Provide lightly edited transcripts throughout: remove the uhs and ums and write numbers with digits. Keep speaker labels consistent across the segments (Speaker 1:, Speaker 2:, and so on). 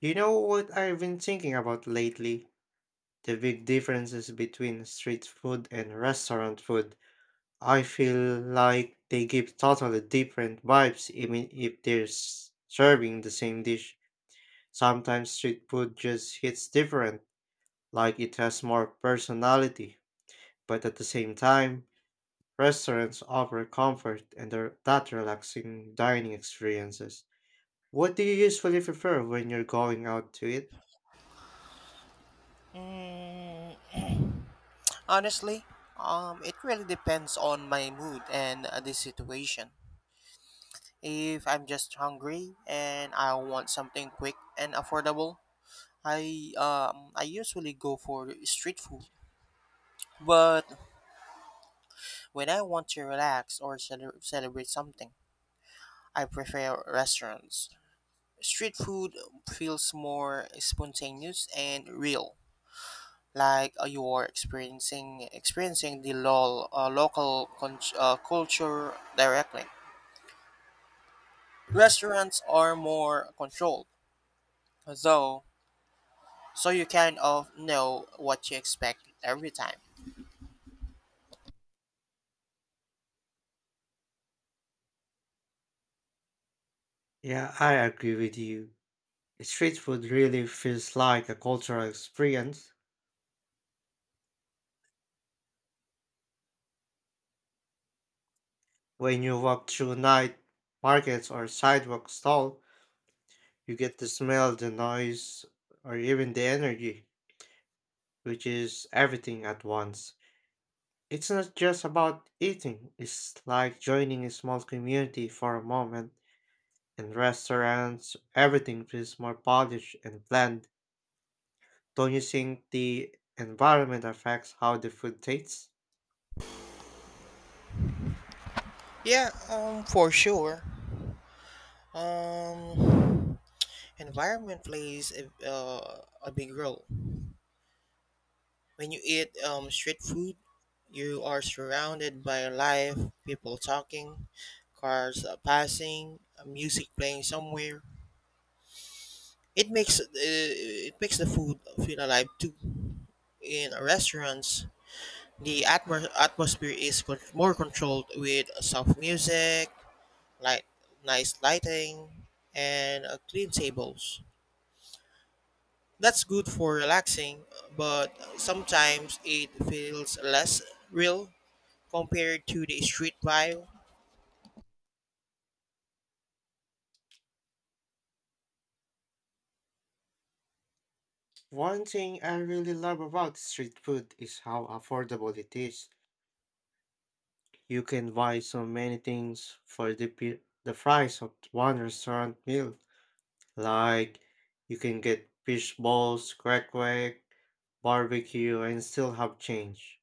Speaker 1: You know what I've been thinking about lately? The big differences between street food and restaurant food. I feel like they give totally different vibes even if they're serving the same dish. Sometimes street food just hits different, like it has more personality. But at the same time, restaurants offer comfort and are that relaxing dining experiences. What do you usually prefer when you're going out to eat?
Speaker 2: Honestly, it really depends on my mood and the situation. If I'm just hungry and I want something quick and affordable, I usually go for street food. But when I want to relax or celebrate something, I prefer restaurants. Street food feels more spontaneous and real, like you are experiencing the local culture directly. Restaurants are more controlled, though, so you kind of know what you expect every time.
Speaker 1: Yeah, I agree with you. Street food really feels like a cultural experience. When you walk through night markets or sidewalk stall, you get the smell, the noise, or even the energy, which is everything at once. It's not just about eating, it's like joining a small community for a moment. In restaurants, everything feels more polished and planned. Don't you think the environment affects how the food tastes?
Speaker 2: Yeah, for sure. Um, Environment plays a big role. When you eat street food, you are surrounded by life, people talking, cars passing, music playing somewhere. It makes the food feel alive too. In restaurants, the atmosphere is more controlled with soft music, light, nice lighting, and clean tables. That's good for relaxing, but sometimes it feels less real compared to the street vibe.
Speaker 1: One thing I really love about street food is how affordable it is. You can buy so many things for the the price of one restaurant meal. Like you can get fish balls, crack quack, barbecue, and still have change.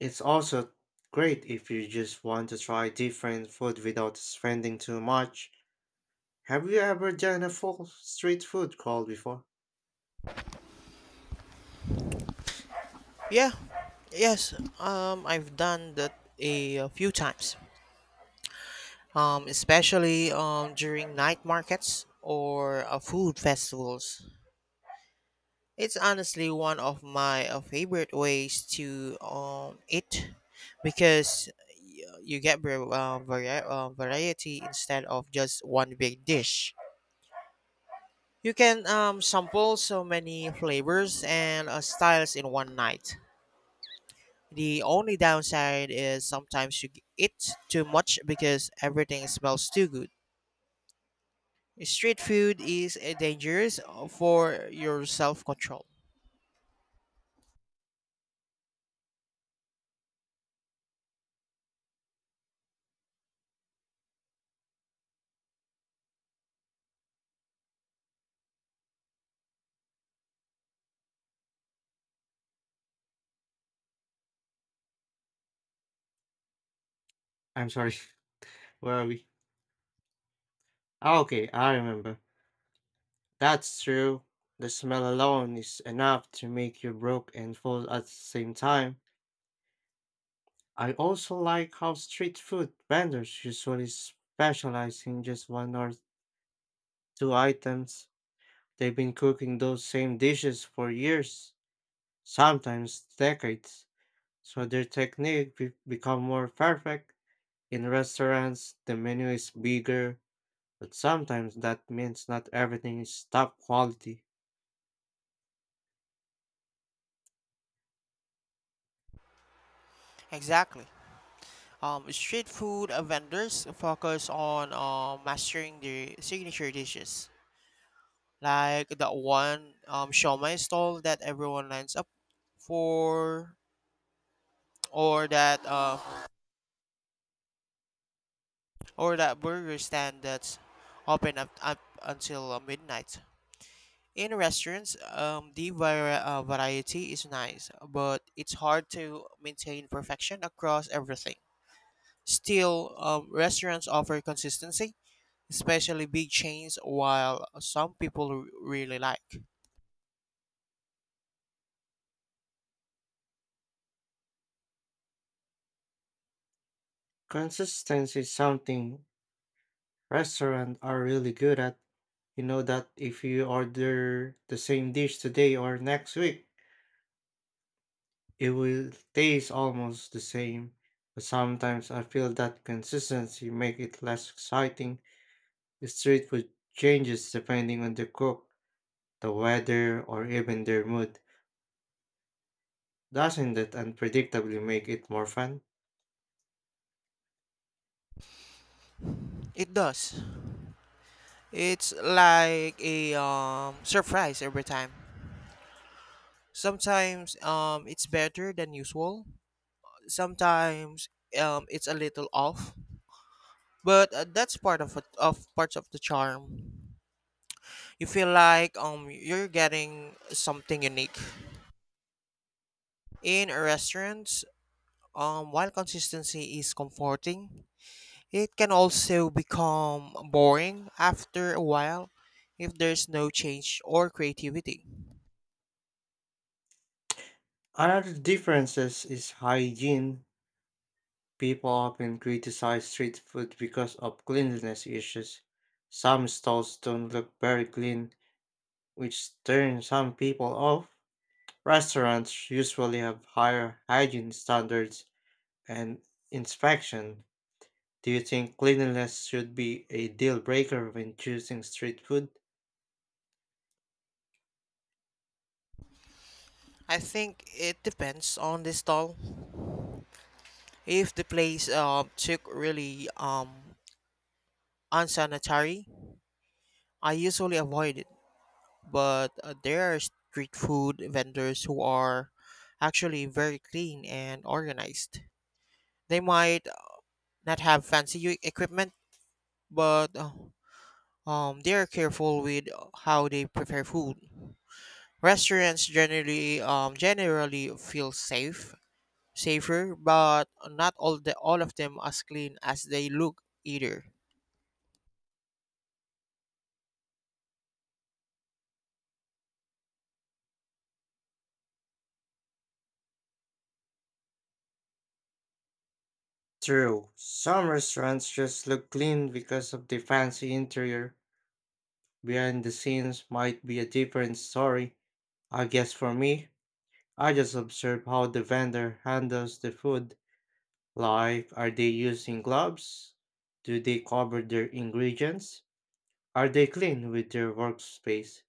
Speaker 1: It's also great if you just want to try different food without spending too much. Have you ever done a full street food crawl before?
Speaker 2: Yeah, yes, I've done that a few times, especially during night markets or food festivals. It's honestly one of my favorite ways to eat because you get variety instead of just one big dish. You can sample so many flavors and styles in one night. The only downside is sometimes you eat too much because everything smells too good. Street food is dangerous for your self control.
Speaker 1: I'm sorry, where are we? Ah, okay, I remember. That's true. The smell alone is enough to make you broke and full at the same time. I also like how street food vendors usually specialize in just one or two items. They've been cooking those same dishes for years, sometimes decades, so their technique become more perfect. In restaurants, the menu is bigger, but sometimes that means not everything is top quality.
Speaker 2: Exactly. Street food vendors focus on mastering their signature dishes, like that one shawmai stall that everyone lines up for, or that uh, or that burger stand that's up until midnight. In restaurants, the variety is nice, but it's hard to maintain perfection across everything. Still, restaurants offer consistency, especially big chains, while some people really like.
Speaker 1: Consistency is something restaurants are really good at. You know that if you order the same dish today or next week, it will taste almost the same. But sometimes I feel that consistency make it less exciting. Street food changes depending on the cook, the weather, or even their mood. Doesn't that unpredictably make it more fun?
Speaker 2: It does. It's like a surprise every time. Sometimes it's better than usual. Sometimes it's a little off, but that's part of it, of parts of the charm. You feel like you're getting something unique in restaurants. While consistency is comforting, it can also become boring after a while if there's no change or creativity.
Speaker 1: Another difference is hygiene. People often criticize street food because of cleanliness issues. Some stalls don't look very clean, which turns some people off. Restaurants usually have higher hygiene standards and inspection. Do you think cleanliness should be a deal breaker when choosing street food?
Speaker 2: I think it depends on the stall. If the place took really unsanitary, I usually avoid it. But there are street food vendors who are actually very clean and organized. They might not have fancy equipment, but they are careful with how they prepare food. Restaurants generally feel safe, safer, but not all the all of them as clean as they look either.
Speaker 1: True, some restaurants just look clean because of the fancy interior. Behind the scenes might be a different story. I guess for me, I just observe how the vendor handles the food. Like, are they using gloves? Do they cover their ingredients? Are they clean with their workspace?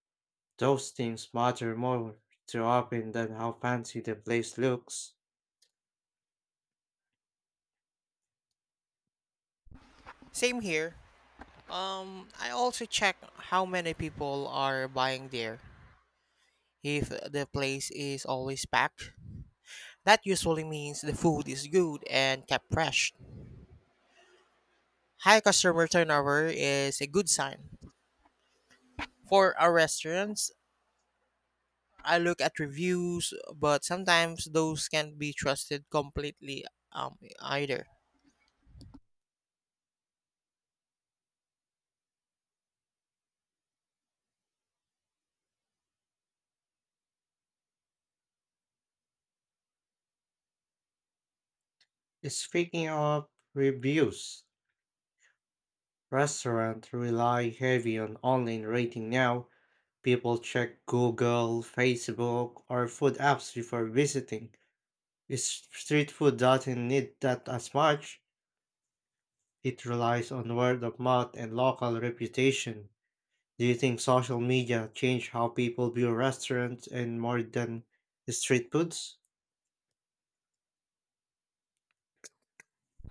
Speaker 1: Those things matter more to often than how fancy the place looks.
Speaker 2: Same here. I also check how many people are buying there. If the place is always packed, that usually means the food is good and kept fresh. High customer turnover is a good sign. For our restaurants, I look at reviews, but sometimes those can't be trusted completely either.
Speaker 1: Speaking of reviews, restaurants rely heavy on online rating now. People check Google, Facebook, or food apps before visiting. Is street food doesn't need that as much. It relies on word of mouth and local reputation. Do you think social media changed how people view restaurants and more than street foods?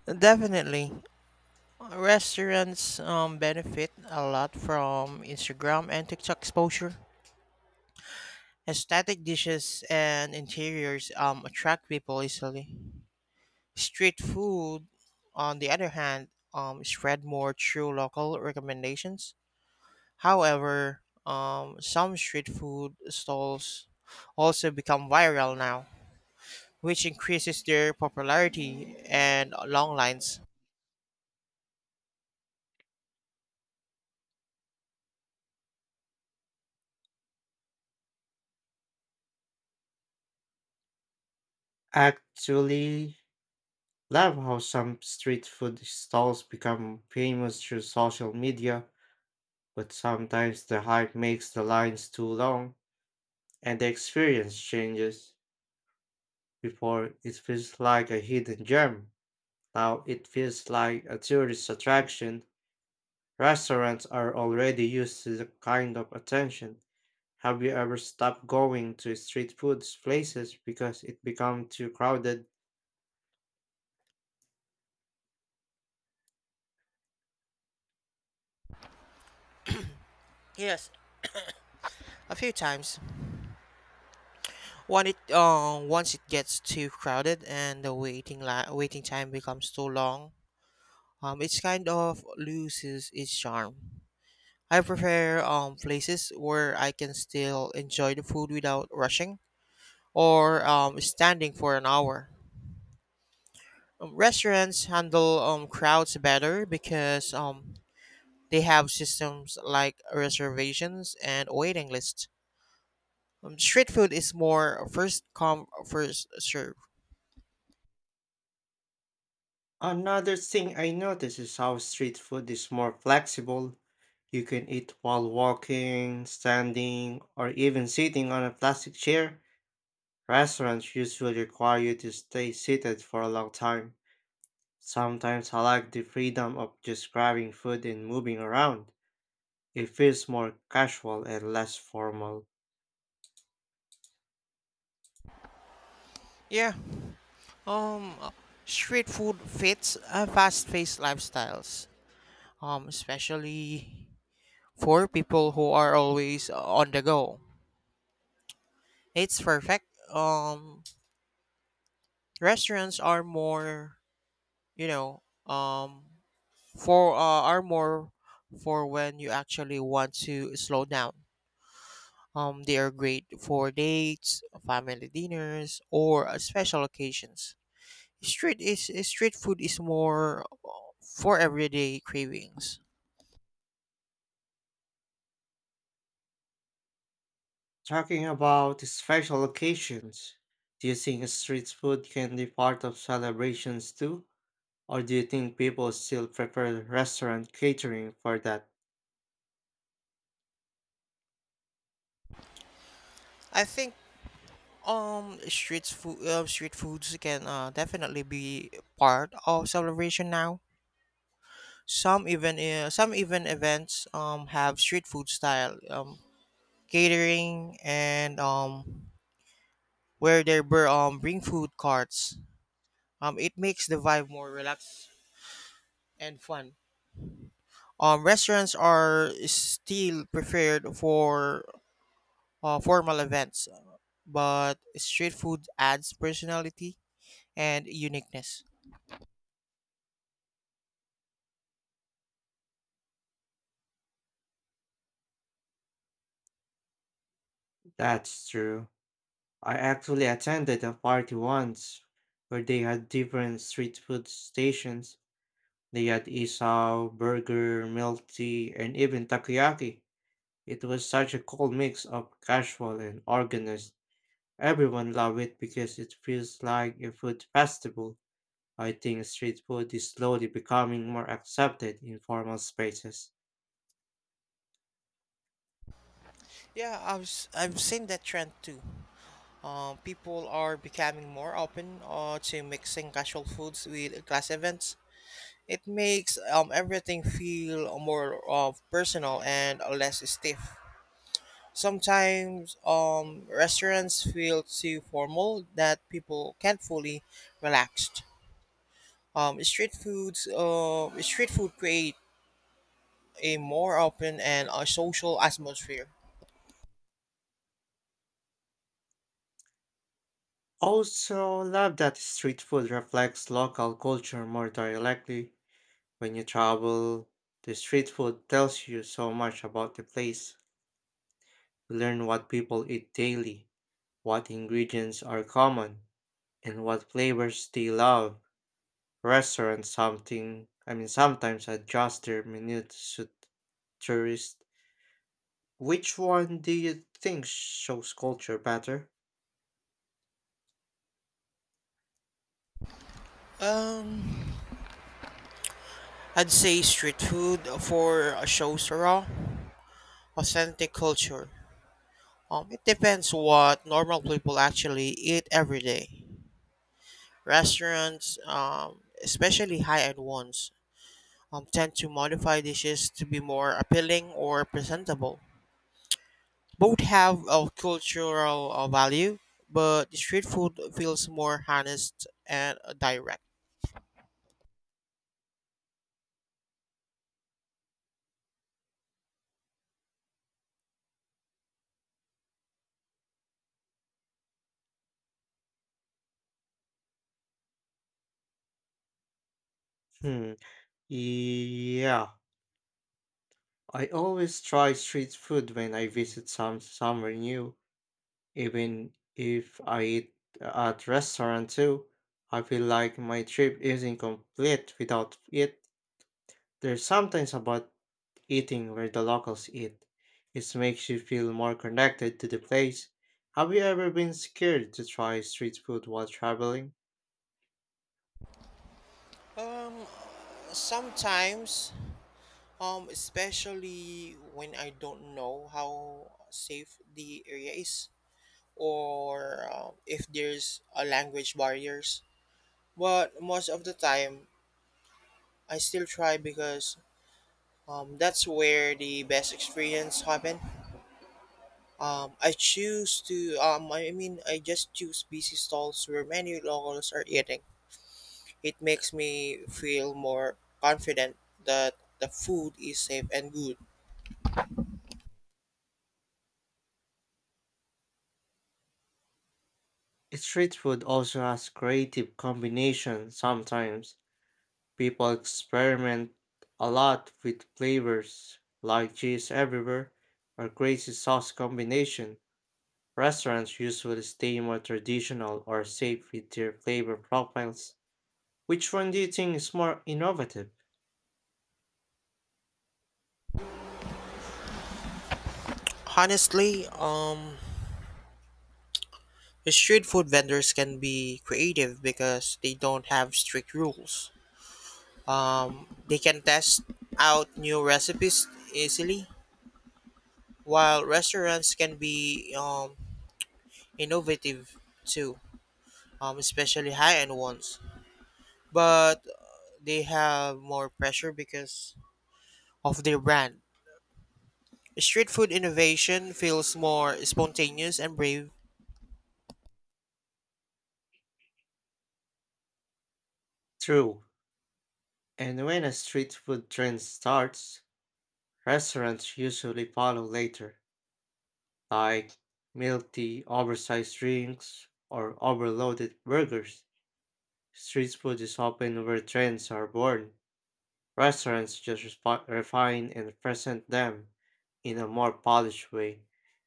Speaker 2: Definitely, restaurants benefit a lot from Instagram and TikTok exposure. Aesthetic dishes and interiors attract people easily. Street food, on the other hand, spread more through local recommendations. However, some street food stalls also become viral now, which increases their popularity and long lines.
Speaker 1: Actually, love how some street food stalls become famous through social media, but sometimes the hype makes the lines too long and the experience changes. Before it feels like a hidden gem. Now it feels like a tourist attraction. Restaurants are already used to the kind of attention. Have you ever stopped going to street food places because it become too crowded?
Speaker 2: Yes, a few times. When it once it gets too crowded and the waiting time becomes too long, it's kind of loses its charm. I prefer places where I can still enjoy the food without rushing or standing for an hour. Restaurants handle crowds better because they have systems like reservations and waiting lists. Street food is more first come first serve.
Speaker 1: Another thing I notice is how street food is more flexible. You can eat while walking, standing, or even sitting on a plastic chair. Restaurants usually require you to stay seated for a long time. Sometimes I like the freedom of just grabbing food and moving around. It feels more casual and less formal.
Speaker 2: Yeah. Um, Street food fits fast-paced lifestyles. Especially for people who are always on the go. It's perfect. Um, Restaurants are more, you know, for are more for when you actually want to slow down. They are great for dates, family dinners, or special occasions. Street food is more for everyday cravings.
Speaker 1: Talking about special occasions, do you think street food can be part of celebrations too? Or do you think people still prefer restaurant catering for that?
Speaker 2: I think street foods can definitely be part of celebration now. Some even events have street food style catering and where they were bring food carts. It makes the vibe more relaxed and fun. Restaurants are still preferred for formal events, but street food adds personality and uniqueness.
Speaker 1: That's true. I actually attended a party once where they had different street food stations. They had isao, burger, milk tea, and even takoyaki. It was such a cool mix of casual and organized. Everyone love it because it feels like a food festival. I think street food is slowly becoming more accepted in formal spaces.
Speaker 2: Yeah, I've seen that trend too. People are becoming more open to mixing casual foods with class events. It makes everything feel more personal and less stiff. Sometimes restaurants feel too formal that people can't fully relaxed. Street food create a more open and a social atmosphere.
Speaker 1: Also, love that street food reflects local culture more directly. When you travel, the street food tells you so much about the place. You learn what people eat daily, what ingredients are common, and what flavors they love. Restaurants something sometimes adjust their menu to suit tourists. Which one do you think shows culture better?
Speaker 2: Um, I'd say street food for shows raw, authentic culture. It depends what normal people actually eat every day. Restaurants, especially high-end ones, tend to modify dishes to be more appealing or presentable. Both have a cultural value, but the street food feels more honest and direct.
Speaker 1: Hmm. Yeah. I always try street food when I visit somewhere new. Even if I eat at restaurant too, I feel like my trip isn't complete without it. There's something about eating where the locals eat. It makes you feel more connected to the place. Have you ever been scared to try street food while traveling?
Speaker 2: Um, Sometimes especially when I don't know how safe the area is or if there's a language barriers. But most of the time, I still try because that's where the best experience happen. I mean I just choose busy stalls where many locals are eating. It makes me feel more confident that the food is safe and good.
Speaker 1: Street food also has creative combinations sometimes. People experiment a lot with flavors, like cheese everywhere or crazy sauce combination. Restaurants usually stay more traditional or safe with their flavor profiles. Which one do you think is more innovative?
Speaker 2: Honestly, street food vendors can be creative because they don't have strict rules. They can test out new recipes easily, while restaurants can be innovative too, especially high end ones. But they have more pressure because of their brand. Street food innovation feels more spontaneous and brave.
Speaker 1: True. And when a street food trend starts, restaurants usually follow later, like milky, oversized drinks or overloaded burgers. Street food is often where trends are born. Restaurants just refine and present them in a more polished way.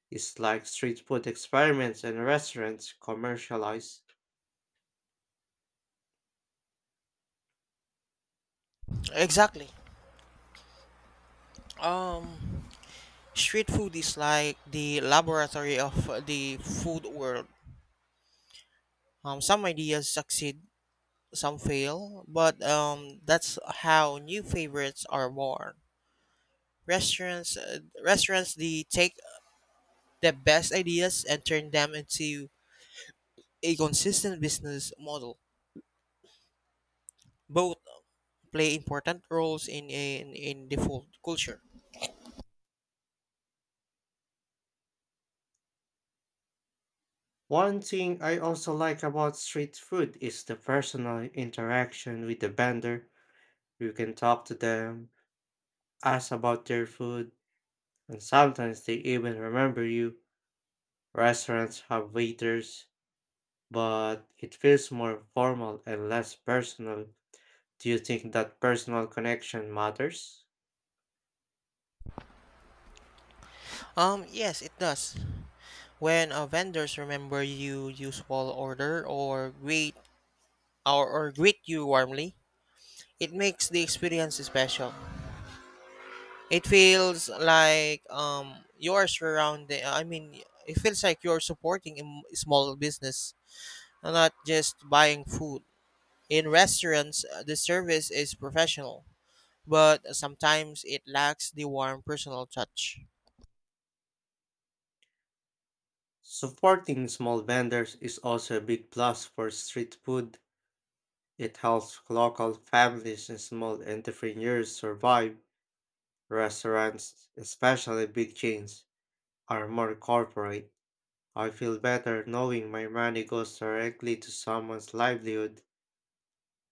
Speaker 1: It's like street food experiments and restaurants commercialize.
Speaker 2: Exactly. Um, Street food is like the laboratory of the food world. Some ideas succeed, some fail, but that's how new favorites are born. Restaurants, they take the best ideas and turn them into a consistent business model. Both play important roles in the food culture.
Speaker 1: One thing I also like about street food is the personal interaction with the vendor. You can talk to them, ask about their food, and sometimes they even remember you. Restaurants have waiters, but it feels more formal and less personal. Do you think that personal connection matters?
Speaker 2: Yes, it does. When vendors remember you, you small order or greet or greet you warmly, it makes the experience special. It feels like you are surrounding. I mean, it feels like you're supporting small business, not just buying food. In restaurants, the service is professional, but sometimes it lacks the warm personal touch.
Speaker 1: Supporting small vendors is also a big plus for street food. It helps local families and small entrepreneurs survive. Restaurants, especially big chains, are more corporate. I feel better knowing my money goes directly to someone's livelihood.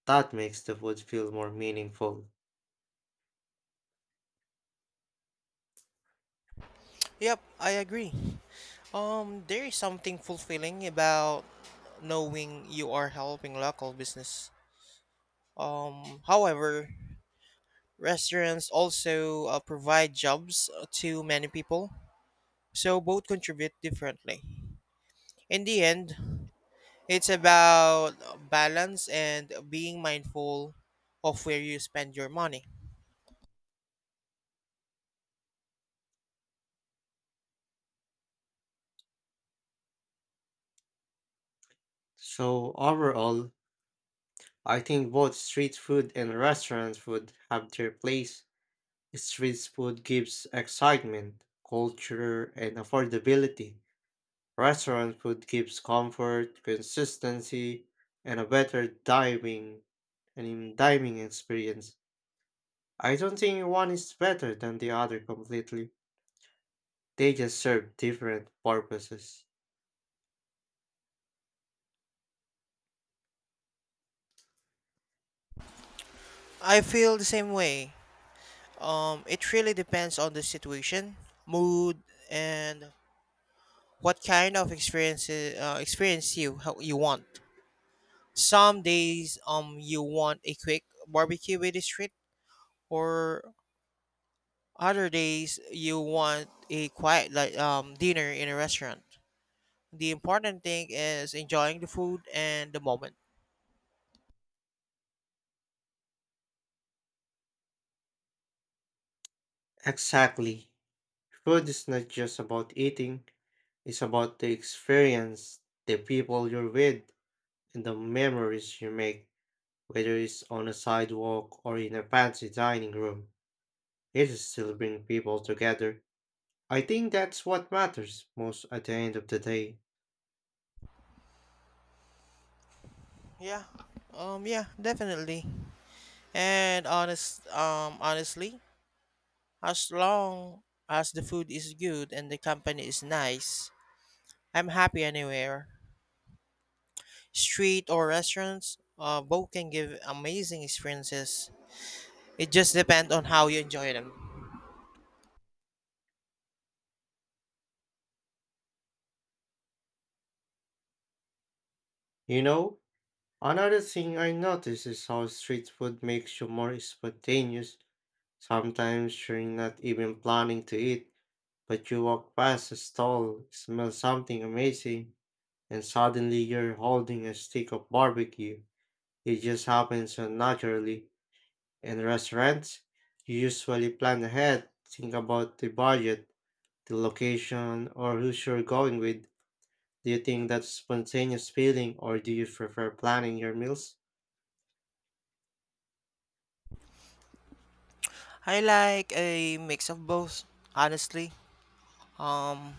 Speaker 1: That makes the food feel more meaningful.
Speaker 2: Yep, I agree. There is something fulfilling about knowing you are helping local business. However, restaurants also provide jobs to many people, so both contribute differently. In the end, it's about balance and being mindful of where you spend your money.
Speaker 1: So, overall, I think both street food and restaurant food have their place. Street food gives excitement, culture, and affordability. Restaurant food gives comfort, consistency, and a better diving and in dining experience. I don't think one is better than the other completely. They just serve different purposes.
Speaker 2: I feel the same way. It really depends on the situation, mood, and what kind of experience you how you want. Some days you want a quick barbecue with the street, or other days you want a quiet like dinner in a restaurant. The important thing is enjoying the food and the moment.
Speaker 1: Exactly. Food is not just about eating, it's about the experience, the people you're with, and the memories you make. Whether it's on a sidewalk or in a fancy dining room, it is still brings people together. I think that's what matters most at the end of the day.
Speaker 2: Yeah. Yeah, Definitely. And honestly, as long as the food is good and the company is nice, I'm happy anywhere. Street or restaurants, both can give amazing experiences. It just depends on how you enjoy them.
Speaker 1: You know, another thing I notice is how street food makes you more spontaneous. Sometimes you're not even planning to eat, but you walk past a stall, smell something amazing, and suddenly you're holding a stick of barbecue. It just happens so naturally. In restaurants, you usually plan ahead, think about the budget, the location, or who you're going with. Do you think that's spontaneous feeling or do you prefer planning your meals?
Speaker 2: I like a mix of both, honestly. Um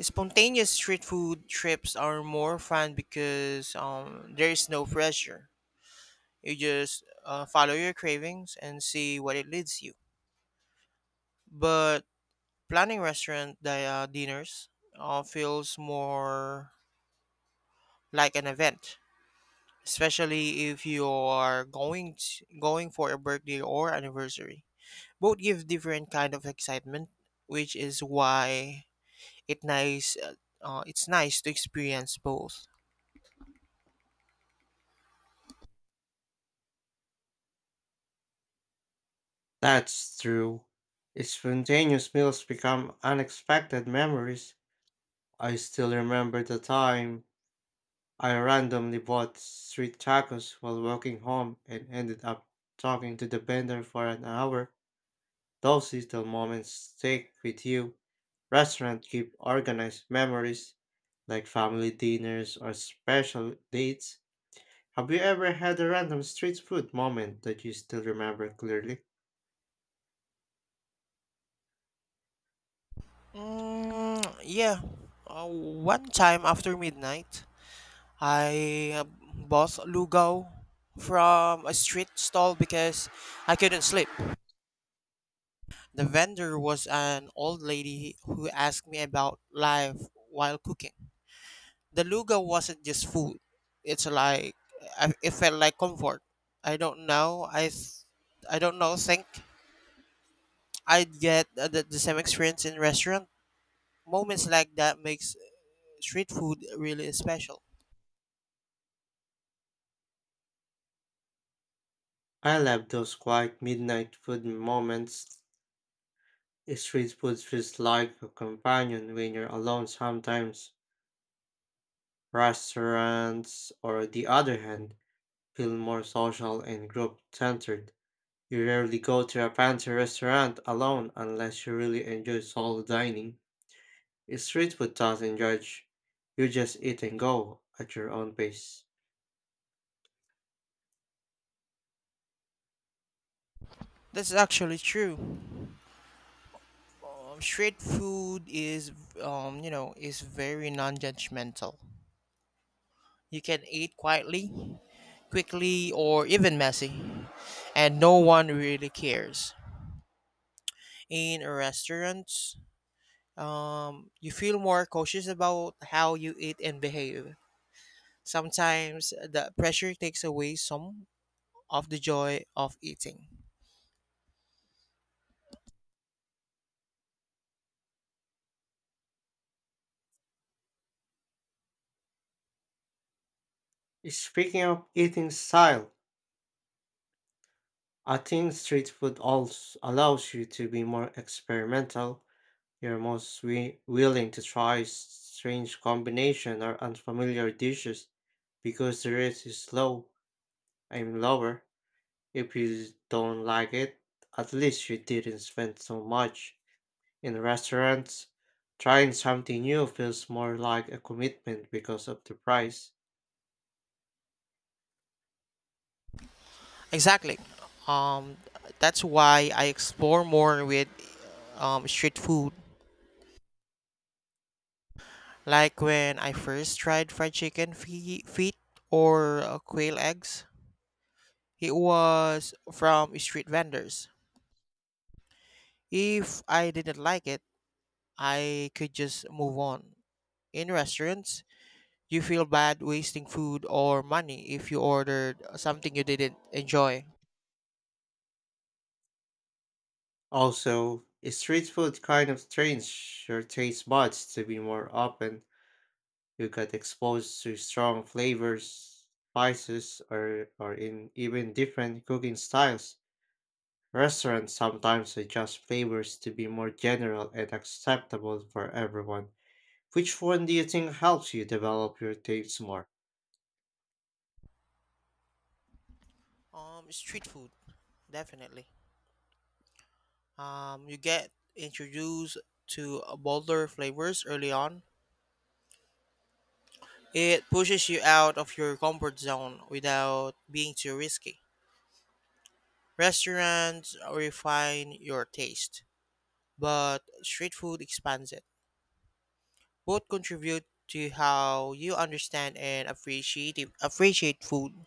Speaker 2: Spontaneous street food trips are more fun because there is no pressure. You just follow your cravings and see what it leads you. But planning dinners feels more like an event, especially if you are going for a birthday or anniversary. Both give different kind of excitement, which is why it nice uh, it's nice to experience both.
Speaker 1: That's true. Spontaneous meals become unexpected memories. I still remember the time I randomly bought street tacos while walking home and ended up talking to the vendor for an hour. Those little moments stick with you. Restaurants keep organized memories, like family dinners or special dates. Have you ever had a random street food moment that you still remember clearly?
Speaker 2: Mm, yeah. One time after midnight, I bought lugaw from a street stall because I couldn't sleep. The vendor was an old lady who asked me about life while cooking. The lugaw wasn't just food. It's like it felt like comfort. I don't know. Think I'd get the same experience in restaurant. Moments like that makes street food really special.
Speaker 1: I love those quiet midnight food moments. Street food feels like a companion when you're alone sometimes. Restaurants, or the other hand, feel more social and group centered. You rarely go to a fancy restaurant alone unless you really enjoy solo dining. Street food doesn't judge. You just eat and go at your own pace.
Speaker 2: That's actually true. Street food is, you know, is very non-judgmental. You can eat quietly, quickly, or even messy, and no one really cares. In restaurants, you feel more cautious about how you eat and behave. Sometimes the pressure takes away some of the joy of eating.
Speaker 1: Speaking of eating style, I think street food also allows you to be more experimental. You're most willing to try strange combination or unfamiliar dishes because the rate is low. And lower. If you don't like it, at least you didn't spend so much. In restaurants, trying something new feels more like a commitment because of the price.
Speaker 2: Exactly. Um, that's why I explore more with street food. Like when I first tried fried chicken feet or quail eggs, it was from street vendors. If I didn't like it, I could just move on. In restaurants, you feel bad wasting food or money if you ordered something you didn't enjoy.
Speaker 1: Also, street food kind of trains your taste buds to be more open. You get exposed to strong flavors, spices, or in even different cooking styles. Restaurants sometimes adjust flavors to be more general and acceptable for everyone. Which one do you think helps you develop your tastes more?
Speaker 2: Street food, definitely. You get introduced to bolder flavors early on. It pushes you out of your comfort zone without being too risky. Restaurants refine your taste, but street food expands it. Both contribute to how you understand and appreciate food.